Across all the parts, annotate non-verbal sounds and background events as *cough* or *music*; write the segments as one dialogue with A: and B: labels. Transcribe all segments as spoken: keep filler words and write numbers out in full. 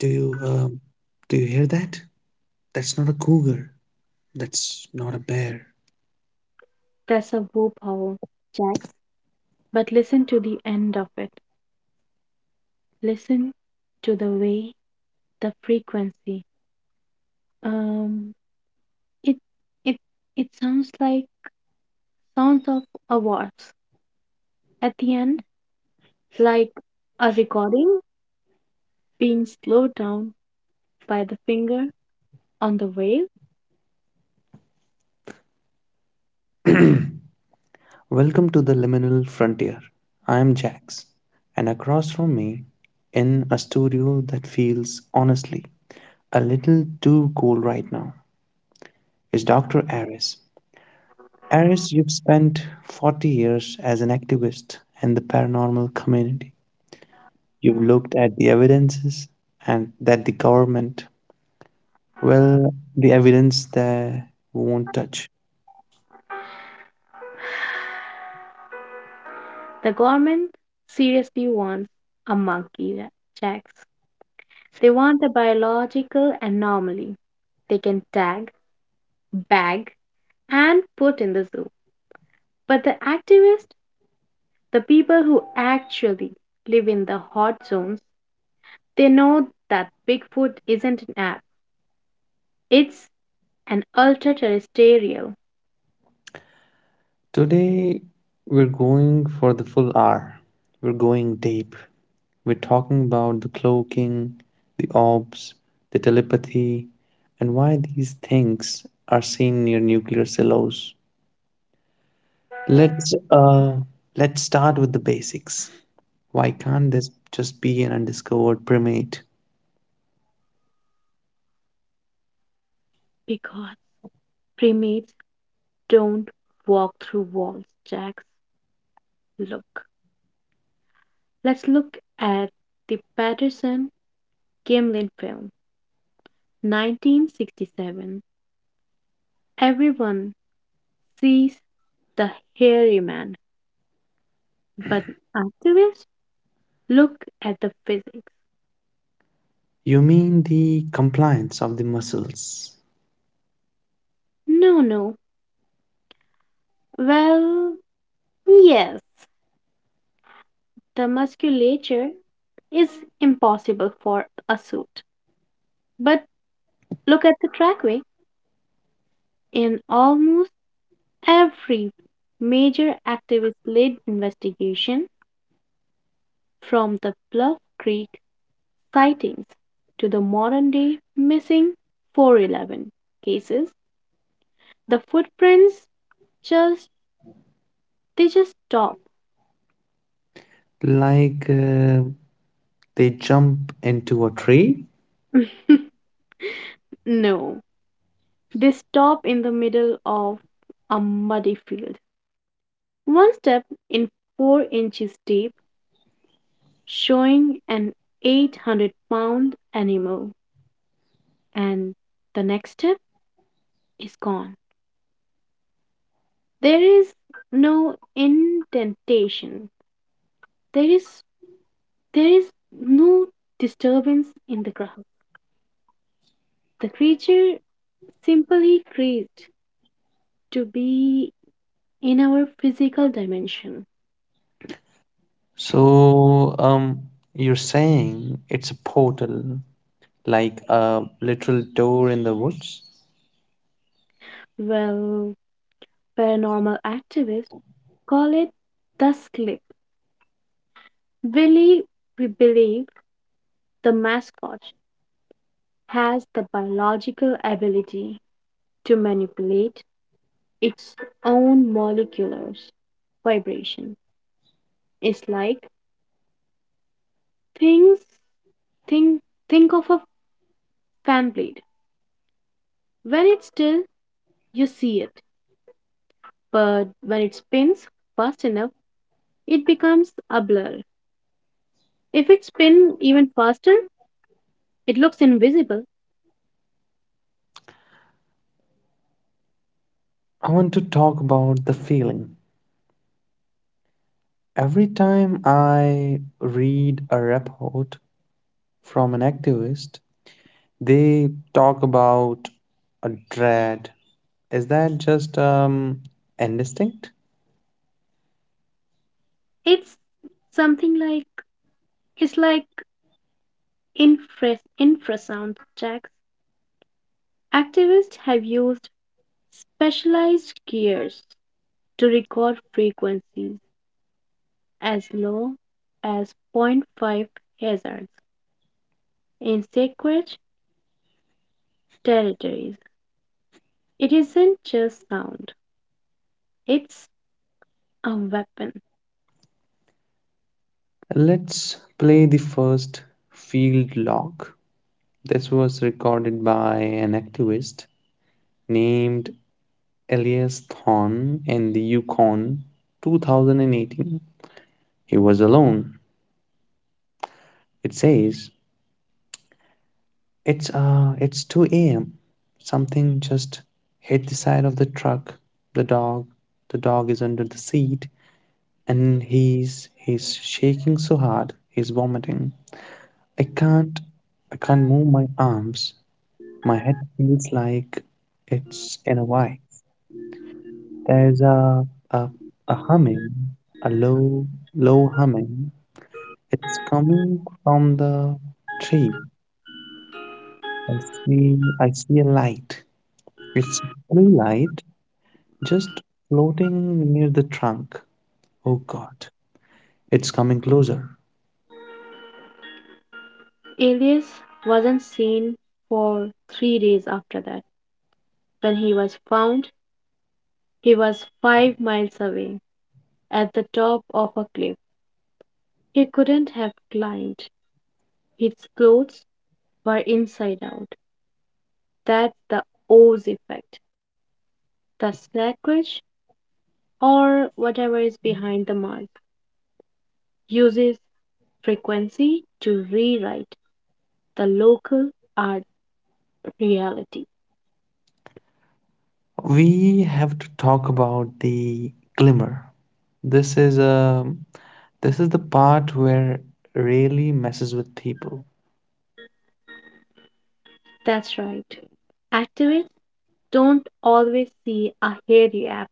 A: do you um, do you hear that? That's not a cougar. That's not a bear.
B: That's a willpower, Jax. But listen to the end of it. Listen to the way, the frequency. Um, it it it sounds like sounds of a waltz at the end, like a recording being slowed down by the finger on the wave.
A: *clears throat* Welcome to the liminal frontier. I am Jax, and across from me, in a studio that feels honestly a little too cool right now, is doctor Aris. Aris, you've spent forty years as an activist in the paranormal community. You've looked at the evidences and that the government well, the evidence that we won't touch.
B: The government seriously wants a monkey, Ja- Jax. They want a biological anomaly. They can tag, bag, and put in the zoo. But the activists, the people who actually live in the hot zones, they know that Bigfoot isn't an app. It's an ultra-terrestrial
A: Today, we're going for the full hour. We're going deep. We're talking about the cloaking, the orbs, the telepathy, and why these things are seen near nuclear silos. Let's uh, let's start with the basics. Why can't this just be an undiscovered primate?
B: because primates don't walk through walls, Jax. Look. Let's look at the Patterson Gimlin film, nineteen sixty-seven. Everyone sees the hairy man, but activists look at the physics.
A: You mean the compliance of the muscles,
B: No, no, well, yes, the musculature is impossible for a suit. But look at the trackway. In almost every major activist led investigation, from the Bluff Creek sightings to the modern day missing four eleven cases, the footprints just they just stop.
A: like uh, they jump into a tree.
B: *laughs* No, they stop in the middle of a muddy field. One step in four inches deep, showing an eight hundred pound animal, and the next step is gone. There is no indentation. There is there is no disturbance in the ground. The creature simply creased to be in our physical dimension.
A: So, um, you're saying it's a portal, like a literal door in the woods?
B: Well, paranormal activists call it the slip. Really, we believe the mascot has the biological ability to manipulate its own molecular vibration. It's like things think think of a fan blade. When it's still, you see it, but when it spins fast enough, it becomes a blur. If it spins even faster, it looks invisible.
A: I want to talk about the feeling. Every time I read a report from an activist, they talk about a dread. Is that just um, indistinct?
B: It's something like it's like infra infrasound jacks. Activists have used specialized gears to record frequencies as low as zero point zero point five hz in sacred territories. It isn't just sound, it's a weapon.
A: Let's play the first field log. This was recorded by an activist named Elias Thorne in the Yukon twenty eighteen. He was alone. It says, It's uh it's two a m. Something just hit the side of the truck. The dog the dog is under the seat and he's he's shaking so hard, he's vomiting. I can't I can't move my arms. My head feels like it's in a vice. There's a, a, a humming, a low, low humming. It's coming from the tree. I see, I see a light. It's a blue light just floating near the trunk. Oh God, it's coming closer.
B: Elias wasn't seen for three days after that. When he was found, he was five miles away at the top of a cliff. He couldn't have climbed. His clothes were inside out. That's the Oz effect. The sacrilege, or whatever is behind the mark, uses frequency to rewrite the local art reality.
A: We have to talk about the glimmer. This is a, this is the part where really messes with people.
B: That's right. Activists don't always see a hairy app,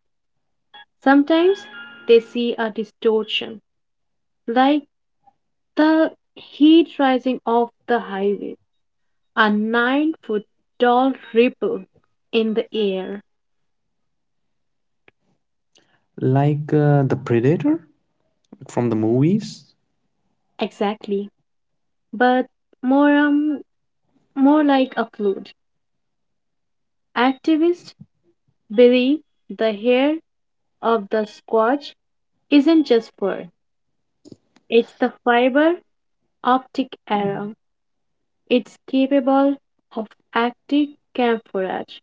B: sometimes they see a distortion, like the heat rising off the highway, a nine foot tall ripple in the air.
A: Like uh, the Predator from the movies,
B: Exactly. But more um more like a flood. Activists believe the hair of the squash isn't just fur, it's the fiber optic arrow. It's capable of active camouflage.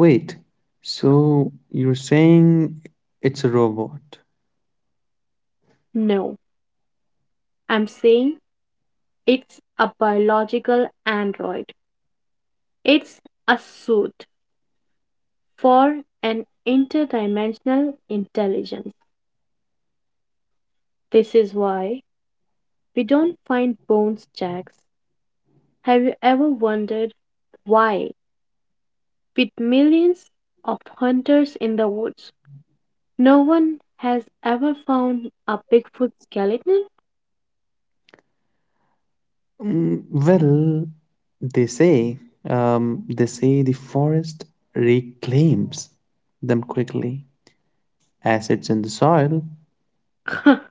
A: wait, so you're saying it's a robot?
B: No, I'm saying it's a biological android. It's a suit for an interdimensional intelligence. This is why we don't find bones jacks. Have you ever wondered why? With millions of hunters in the woods, no one has ever found a Bigfoot skeleton.
A: Mm, well, they say, um, they say the forest reclaims them quickly. Acids in the soil.
B: *laughs* A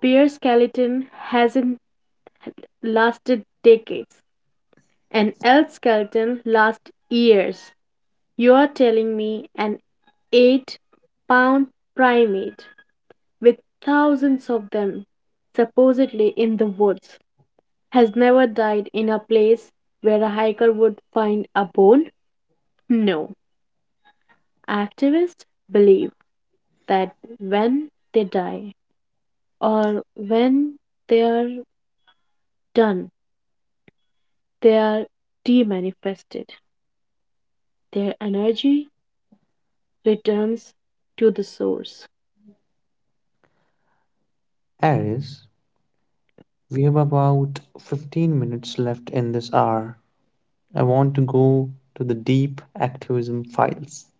B: bear skeleton hasn't lasted decades. An elk skeleton lasts years. You are telling me an eight pound primate with thousands of them supposedly in the woods has never died in a place where a hiker would find a bone? No. Activists believe that when they die or when they are done, they are demanifested. Their energy returns to the source.
A: Aries, we have about fifteen minutes left in this hour. I want to go to the deep activism files,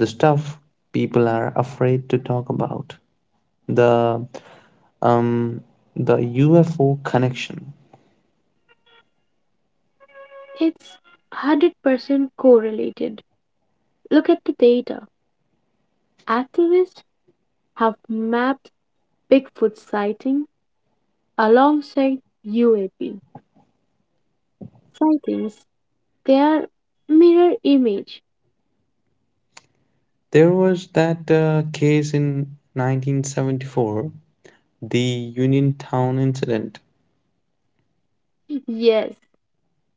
A: the stuff people are afraid to talk about, the um, the U F O connection,
B: It's one hundred percent correlated. Look at the data. Activists have mapped Bigfoot sighting alongside U A P sightings. They are mirror image.
A: there was that uh, case in nineteen seventy-four, the Uniontown incident.
B: *laughs* Yes,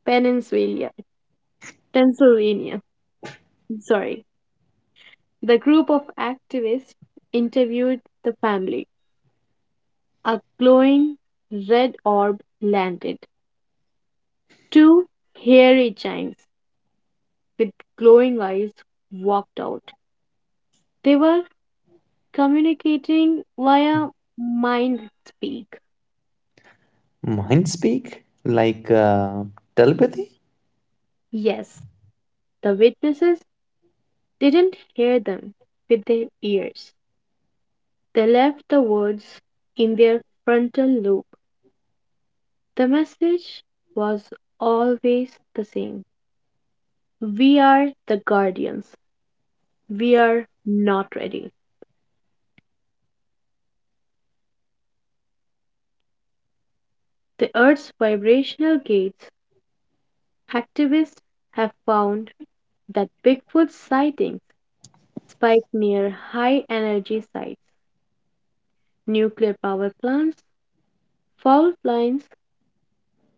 B: Pennsylvania, Pennsylvania. Sorry, the group of activists interviewed the family. A glowing red orb landed. Two hairy giants with glowing eyes walked out. They were communicating via mind speak.
A: Mind speak? Like uh, telepathy?
B: Yes, the witnesses didn't hear them with their ears. They left the words in their frontal lobe. The message was always the same. We are the guardians. We are not ready. The Earth's vibrational gates activists have found that Bigfoot sightings spike near high energy sites, nuclear power plants, fault lines,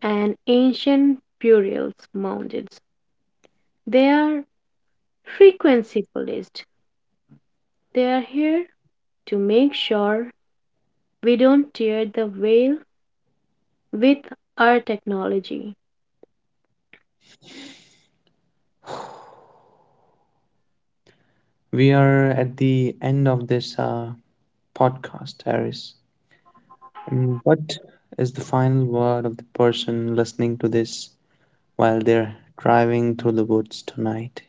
B: and ancient burials mounds. They are frequency policed. They are here to make sure we don't tear the veil with our technology.
A: *sighs* We are at the end of this uh, podcast, Harris. Um, What is the final word of the person listening to this while they're driving through the woods tonight?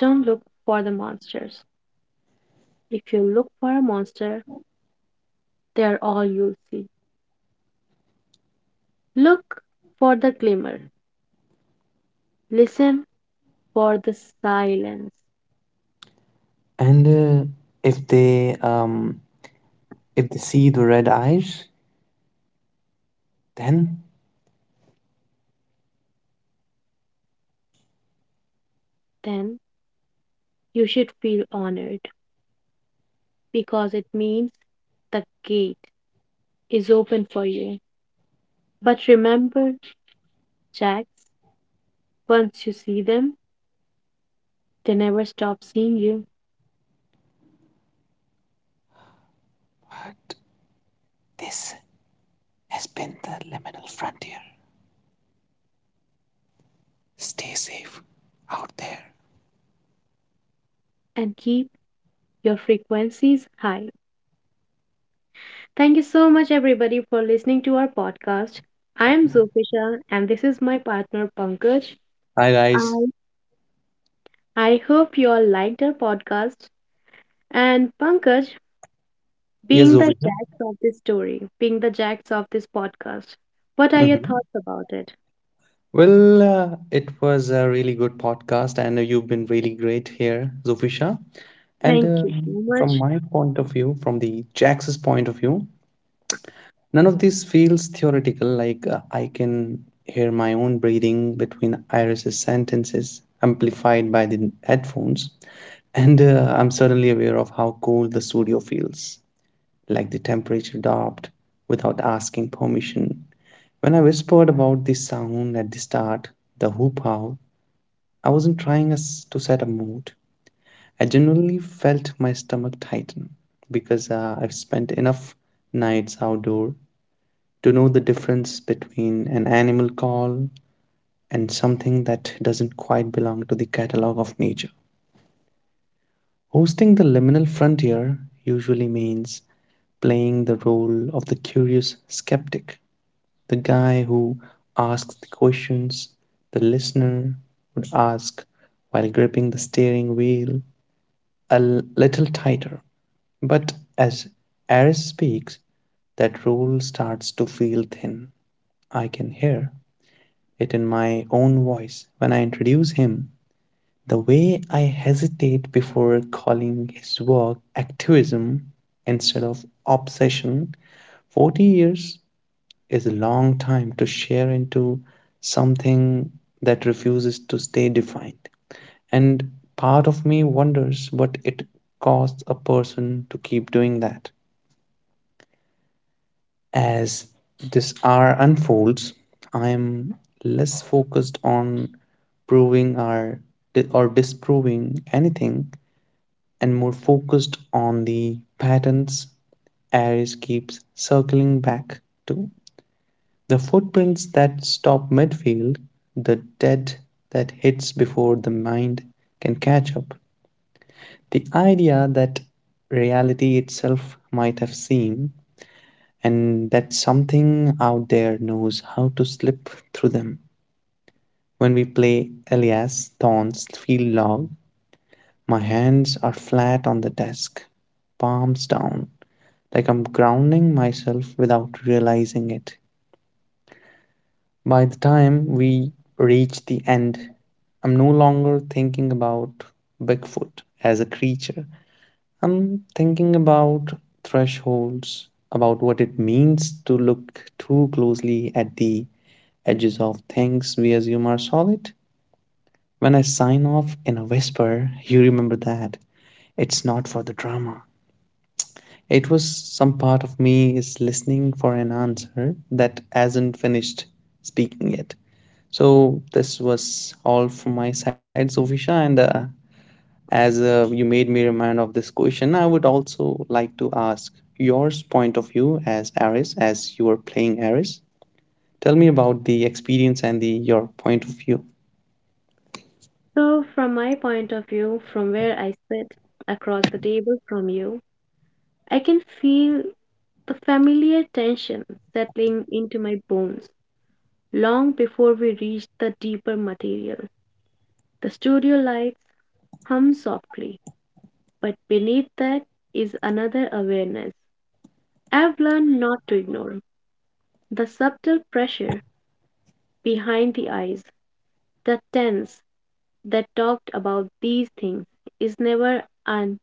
B: Don't look for the monsters. If you look for a monster, they're all you'll see. Look for the glimmer. Listen for the silence.
A: And uh, if they um, if they see the red eyes, then
B: Then you should feel honored because it means the gate is open for you. But remember, Jacks, once you see them, they never stop seeing you,
A: what? This has been the liminal frontier. Stay safe out there.
B: and keep your frequencies high. Thank you so much, everybody, for listening to our podcast. I am Zofisha, and this is my partner, Pankaj.
A: Hi guys.
B: I, I hope you all liked our podcast. And Pankaj,
A: Yes,
B: being the
A: Zofia.
B: jacks of this story, being the jacks of this podcast, what are your
A: Hmm.
B: thoughts about it?
A: Well, uh, it was a really good podcast, and uh, you've been really great here, Zofisha. And
B: Thank
A: uh,
B: you so
A: from
B: much.
A: my point of view, from the Jax's point of view, none of this feels theoretical. Like uh, I can hear my own breathing between Iris's sentences, amplified by the headphones, and uh, I'm suddenly aware of how cold the studio feels, like the temperature dropped without asking permission. When I whispered about the sound at the start, the hoop owl, I wasn't trying us to set a mood. I genuinely felt my stomach tighten because uh, I've spent enough nights outdoor to know the difference between an animal call and something that doesn't quite belong to the catalog of nature. Hosting the liminal frontier usually means playing the role of the curious skeptic, the guy who asks the questions the listener would ask while gripping the steering wheel a l- little tighter. But as Aris speaks, that role starts to feel thin. I can hear it in my own voice when I introduce him. The way I hesitate before calling his work activism instead of obsession, forty years is a long time to share into something that refuses to stay defined. And part of me wonders what it costs a person to keep doing that. As this hour unfolds, I am less focused on proving or, or disproving anything and more focused on the patterns Aries keeps circling back to. The footprints that stop midfield, the dead that hits before the mind can catch up. The idea that reality itself might have seen and that something out there knows how to slip through them. When we play Elias Thorne's field log, my hands are flat on the desk, palms down, like I'm grounding myself without realizing it. By the time we reach the end, I'm no longer thinking about Bigfoot as a creature. I'm thinking about thresholds, about what it means to look too closely at the edges of things we assume are solid. When I sign off in a whisper, you remember that. It's not for the drama. It was some part of me is listening for an answer that hasn't finished speaking yet. So this was all from my side, Zofisha. And uh, as uh, you made me remind of this question, I would also like to ask yours point of view as Ares, as you were playing Ares. Tell me about the experience and the your point of view.
B: So, from my point of view, from where I sit across the table from you, I can feel the familiar tension settling into my bones. Long before we reach the deeper material, the studio lights hum softly, but beneath that is another awareness. I've learned not to ignore the subtle pressure behind the eyes, the tense that talked about these things is never a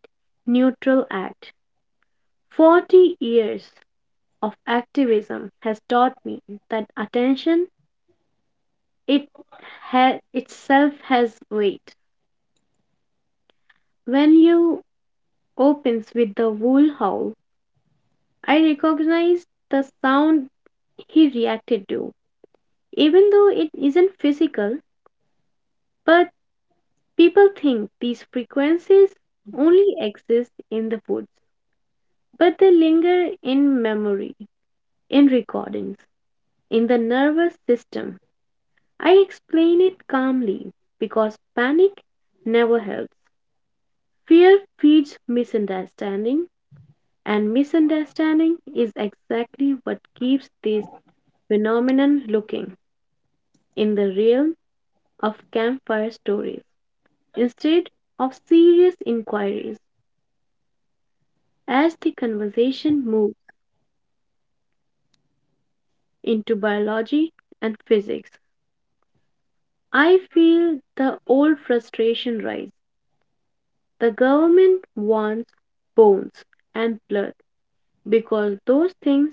B: neutral act. Forty years of activism has taught me that attention it ha- itself has weight. When you opens with the wolf howl. I recognized the sound he reacted to, even though it isn't physical, but people think these frequencies only exist in the woods, but they linger in memory, in recordings, in the nervous system. I explain it calmly because panic never helps. Fear feeds misunderstanding, and misunderstanding is exactly what keeps these phenomenon looking in the realm of campfire stories instead of serious inquiries. As the conversation moves into biology and physics, I feel the old frustration rise. The government wants bones and blood because those things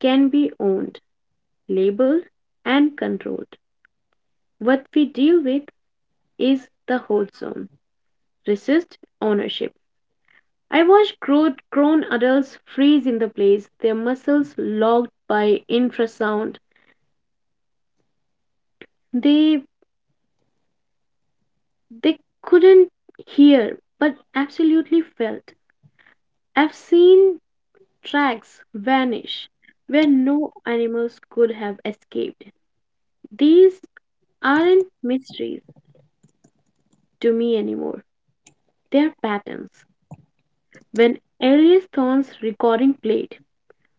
B: can be owned, labeled, and controlled. What we deal with is the whole zone. Resist ownership. I watched grow- grown adults freeze in the place, their muscles locked by infrasound. They they couldn't hear but absolutely felt. I've seen tracks vanish where no animals could have escaped. These aren't mysteries to me anymore. They're patterns. When Elias Thorne's recording played,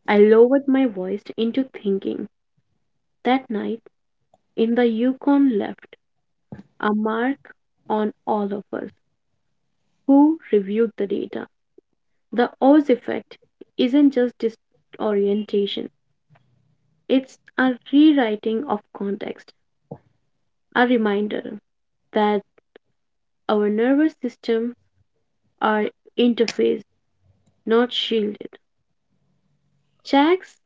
B: I lowered my voice into thinking. That night in the Yukon left a mark on all of us who reviewed the data. The Oz effect isn't just disorientation, it's a rewriting of context, a reminder that our nervous systems are interfaced, not shielded. Jax,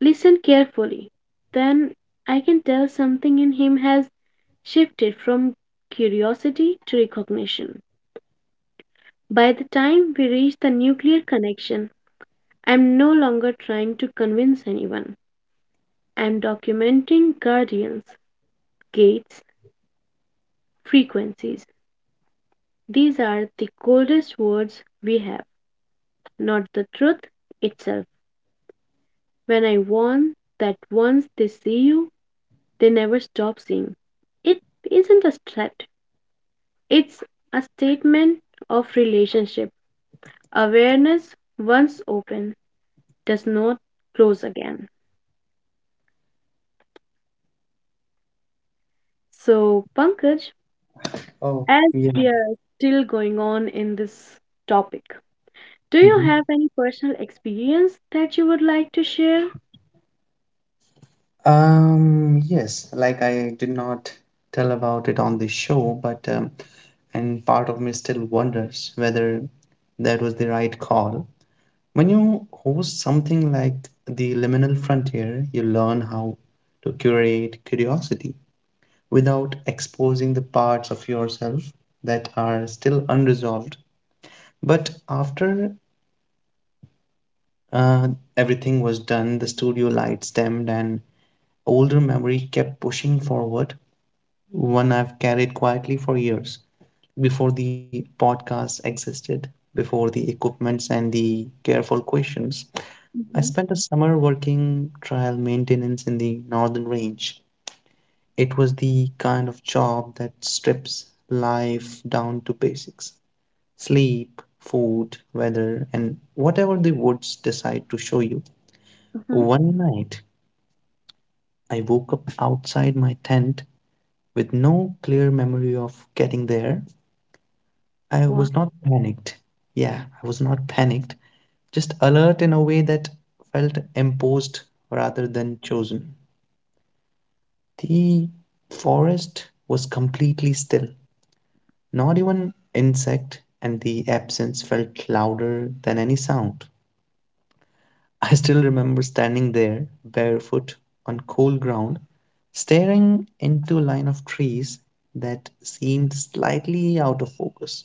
B: listen carefully. Then I can tell something in him has shifted from curiosity to recognition. By the time we reach the nuclear connection, I'm no longer trying to convince anyone. I'm documenting guardians, gates, frequencies. These are the coldest words we have, not the truth itself. When I warn that once they see you, they never stop seeing. It isn't a threat, it's a statement of relationship. Awareness, once open, does not close again. So, Pankaj,
A: Oh
B: as
A: yeah.
B: we are still going on in this topic, do you
A: Mhm.
B: have any personal experience that you would like to share?
A: Um, yes, like I did not tell about it on the show, but um, and part of me still wonders whether that was the right call. When you host something like the Liminal Frontier, you learn how to curate curiosity without exposing the parts of yourself that are still unresolved. But after uh, everything was done, the studio lights dimmed and older memory kept pushing forward, one I've carried quietly for years, before the podcast existed, before the equipments and the careful questions. I
B: hmm
A: spent a summer working trial maintenance in the Northern Range. It was the kind of job that strips life down to basics: sleep, food, weather, and whatever the woods decide to show you.
B: hmm
A: One night, I woke up outside my tent with no clear memory of getting there. I
B: Wow.
A: was not panicked. Yeah, I was not panicked. Just alert in a way that felt imposed rather than chosen. The forest was completely still, not even insect, and the absence felt louder than any sound. *laughs* I still remember standing there, barefoot, on cold ground, staring into a line of trees that seemed slightly out of focus,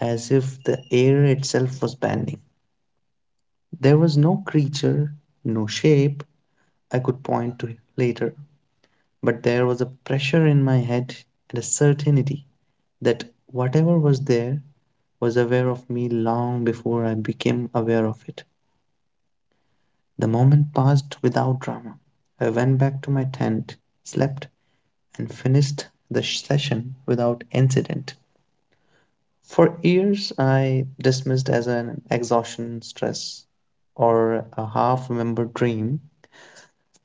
A: as if the air itself was bending. There was no creature, no shape I could point to later, but there was a pressure in my head and a certainty that whatever was there was aware of me long before I became aware of it. The moment passed without drama. I went back to my tent, slept, and finished the session without incident. For years, I dismissed as an exhaustion stress or a half remembered dream.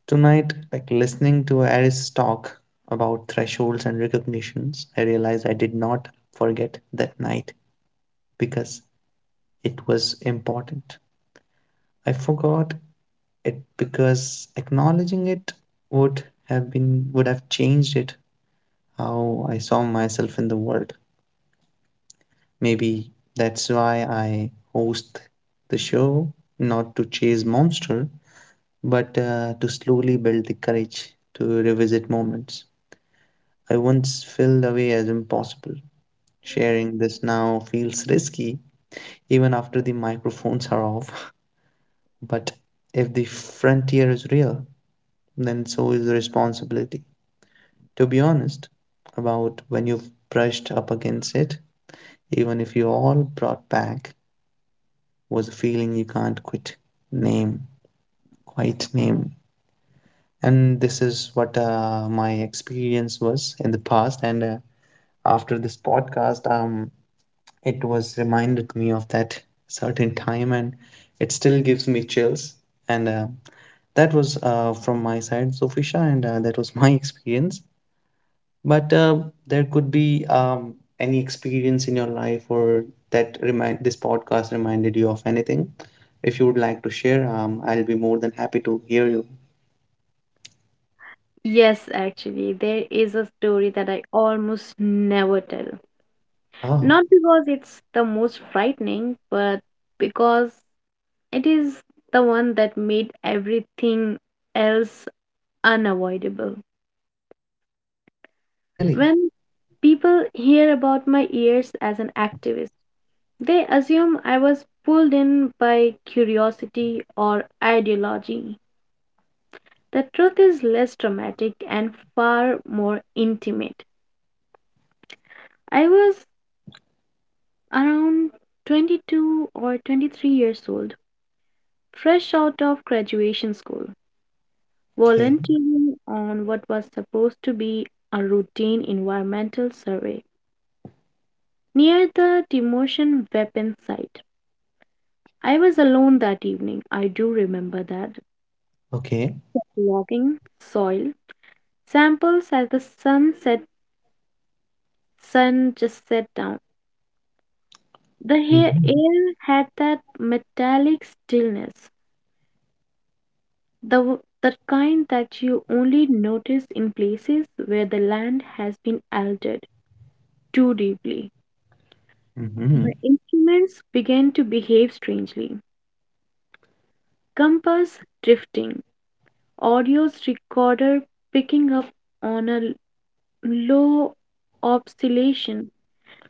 A: Tonight, like listening to Aris talk about thresholds and recognitions, I realized I did not forget that night because it was important. I forgot it because acknowledging it would have been would have changed it, how I saw myself in the world. Maybe that's why I host the show, not to chase monster, but uh, to slowly build the courage to revisit moments I once felt away as impossible. Sharing this now feels risky, even after the microphones are off. *laughs* But if the frontier is real, then so is the responsibility. To be honest, about when you've brushed up against it, even if you all brought back, was a feeling you can't quit. Name, quite name. And this is what uh, my experience was in the past. And uh, after this podcast, um, it was reminded me of that certain time, and it still gives me chills. And uh, that was uh, from my side, Zofisha, and uh, that was *laughs* my experience. But uh, there could be um, any experience in your life or that remind this podcast reminded you of anything. If you would like to share, um, I'll be more than happy to hear you.
B: Yes, actually, there is a story that I almost never tell.
A: Oh,
B: Not because it's the most frightening, but because it is the one that made everything else unavoidable.
A: really?
B: When people hear about my years as an activist, they assume I was pulled in by curiosity or ideology. The truth is less dramatic and far more intimate. I was around twenty-two or twenty-three years old, fresh out of graduation school,
A: Okay.
B: volunteering on what was supposed to be a routine environmental survey near the demotion weapon site. I was alone that evening, I do remember that,
A: Okay.
B: logging soil samples as the sun set sun just set down. The ha-
A: Mm-hmm.
B: air had that metallic stillness, the w- the kind that you only notice in places where the land has been altered too deeply.
A: Mm-hmm.
B: My instruments began to behave strangely. Compass drifting, audio's recorder picking up on a l- low oscillation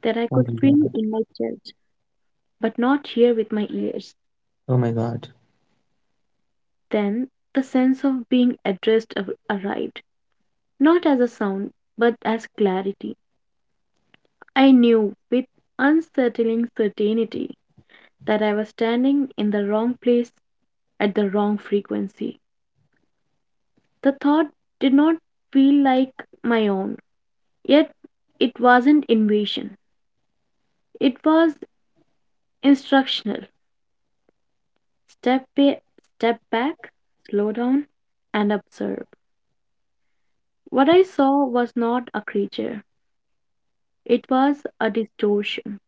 B: that I
A: Oh
B: could
A: my
B: feel
A: God.
B: in my chest, but not hear with my ears.
A: Oh my God.
B: Then the sense of being addressed ar- arrived, not as a sound, but as clarity. I knew with unsettling certainty that I was standing in the wrong place at the wrong frequency. The thought did not feel like my own, yet it wasn't invasion. It was instructional. Step, ba- step back, slow down, and observe. What I saw was not a creature, it was a distortion,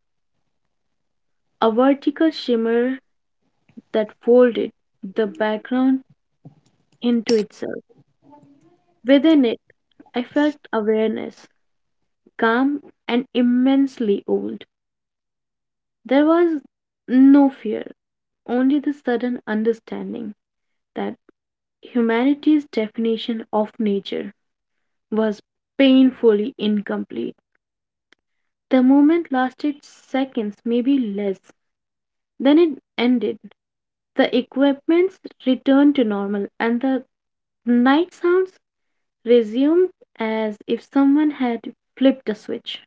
B: a vertical shimmer that folded the background into itself. Within it, I felt awareness, calm, and immensely old. There was no fear, only the sudden understanding that humanity's definition of nature was painfully incomplete. The moment lasted seconds, maybe less. Then it ended. The equipments returned to normal, and the night sounds resumed as if someone had flipped a switch.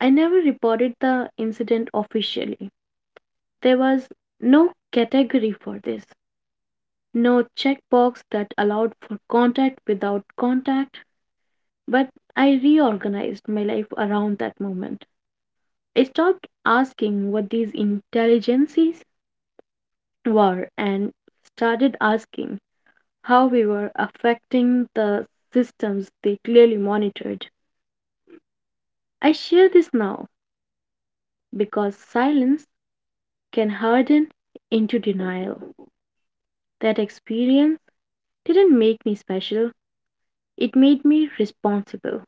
B: I never reported the incident officially. There was no category for this, no checkbox that allowed for contact without contact, but I reorganized my life around that moment. I stopped asking what these intelligences were and started asking how we were affecting the systems they clearly monitored. I share this now because silence can harden into denial. That experience didn't make me special, it made me responsible.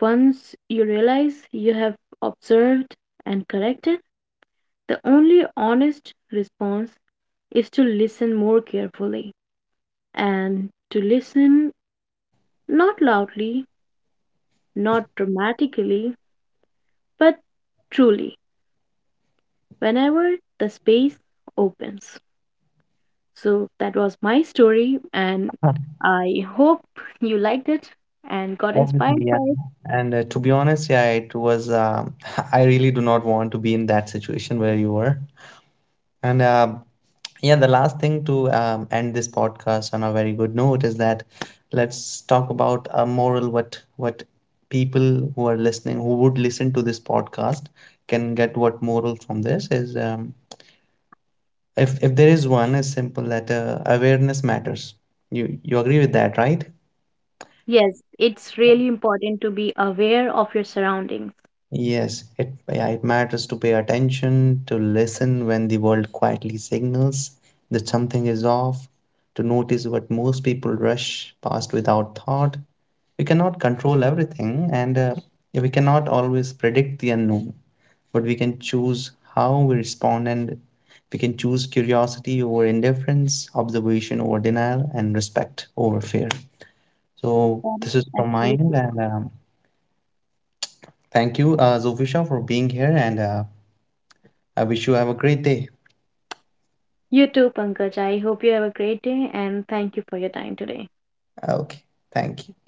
B: Once you realize you have observed and corrected, the only honest response is to listen more carefully and to listen not loudly, not dramatically, but truly whenever the space opens. So that was my story, and I hope you liked it and got inspired
A: Obviously, yeah.
B: by it.
A: And uh, to be honest, yeah, it was. Um, *laughs* I really do not want to be in that situation where you were. And uh, yeah, the last thing to um, end this podcast on a very good note is that let's talk about a moral. What what people who are listening, who would listen to this podcast, can get what moral from this is. Um, if if there is one, is simple that uh, awareness matters. You you agree with that, right?
B: Yes, it's really important to be aware of your surroundings.
A: Yes, it, yeah, it matters to pay attention, to listen when the world quietly signals that something is off, to notice what most people rush past without thought. We cannot control everything, and uh, yeah, we cannot always predict the unknown, but we can choose how we respond, and we can choose curiosity over indifference, observation over denial, and respect over fear. So, this
B: Um,
A: is from my end,
B: absolutely.
A: and um, thank you, uh, Zofisha, for being here and uh, I wish you have a great day.
B: You too, Pankaj. I hope you have a great day and thank you for your time today.
A: Ah, okay, thank you.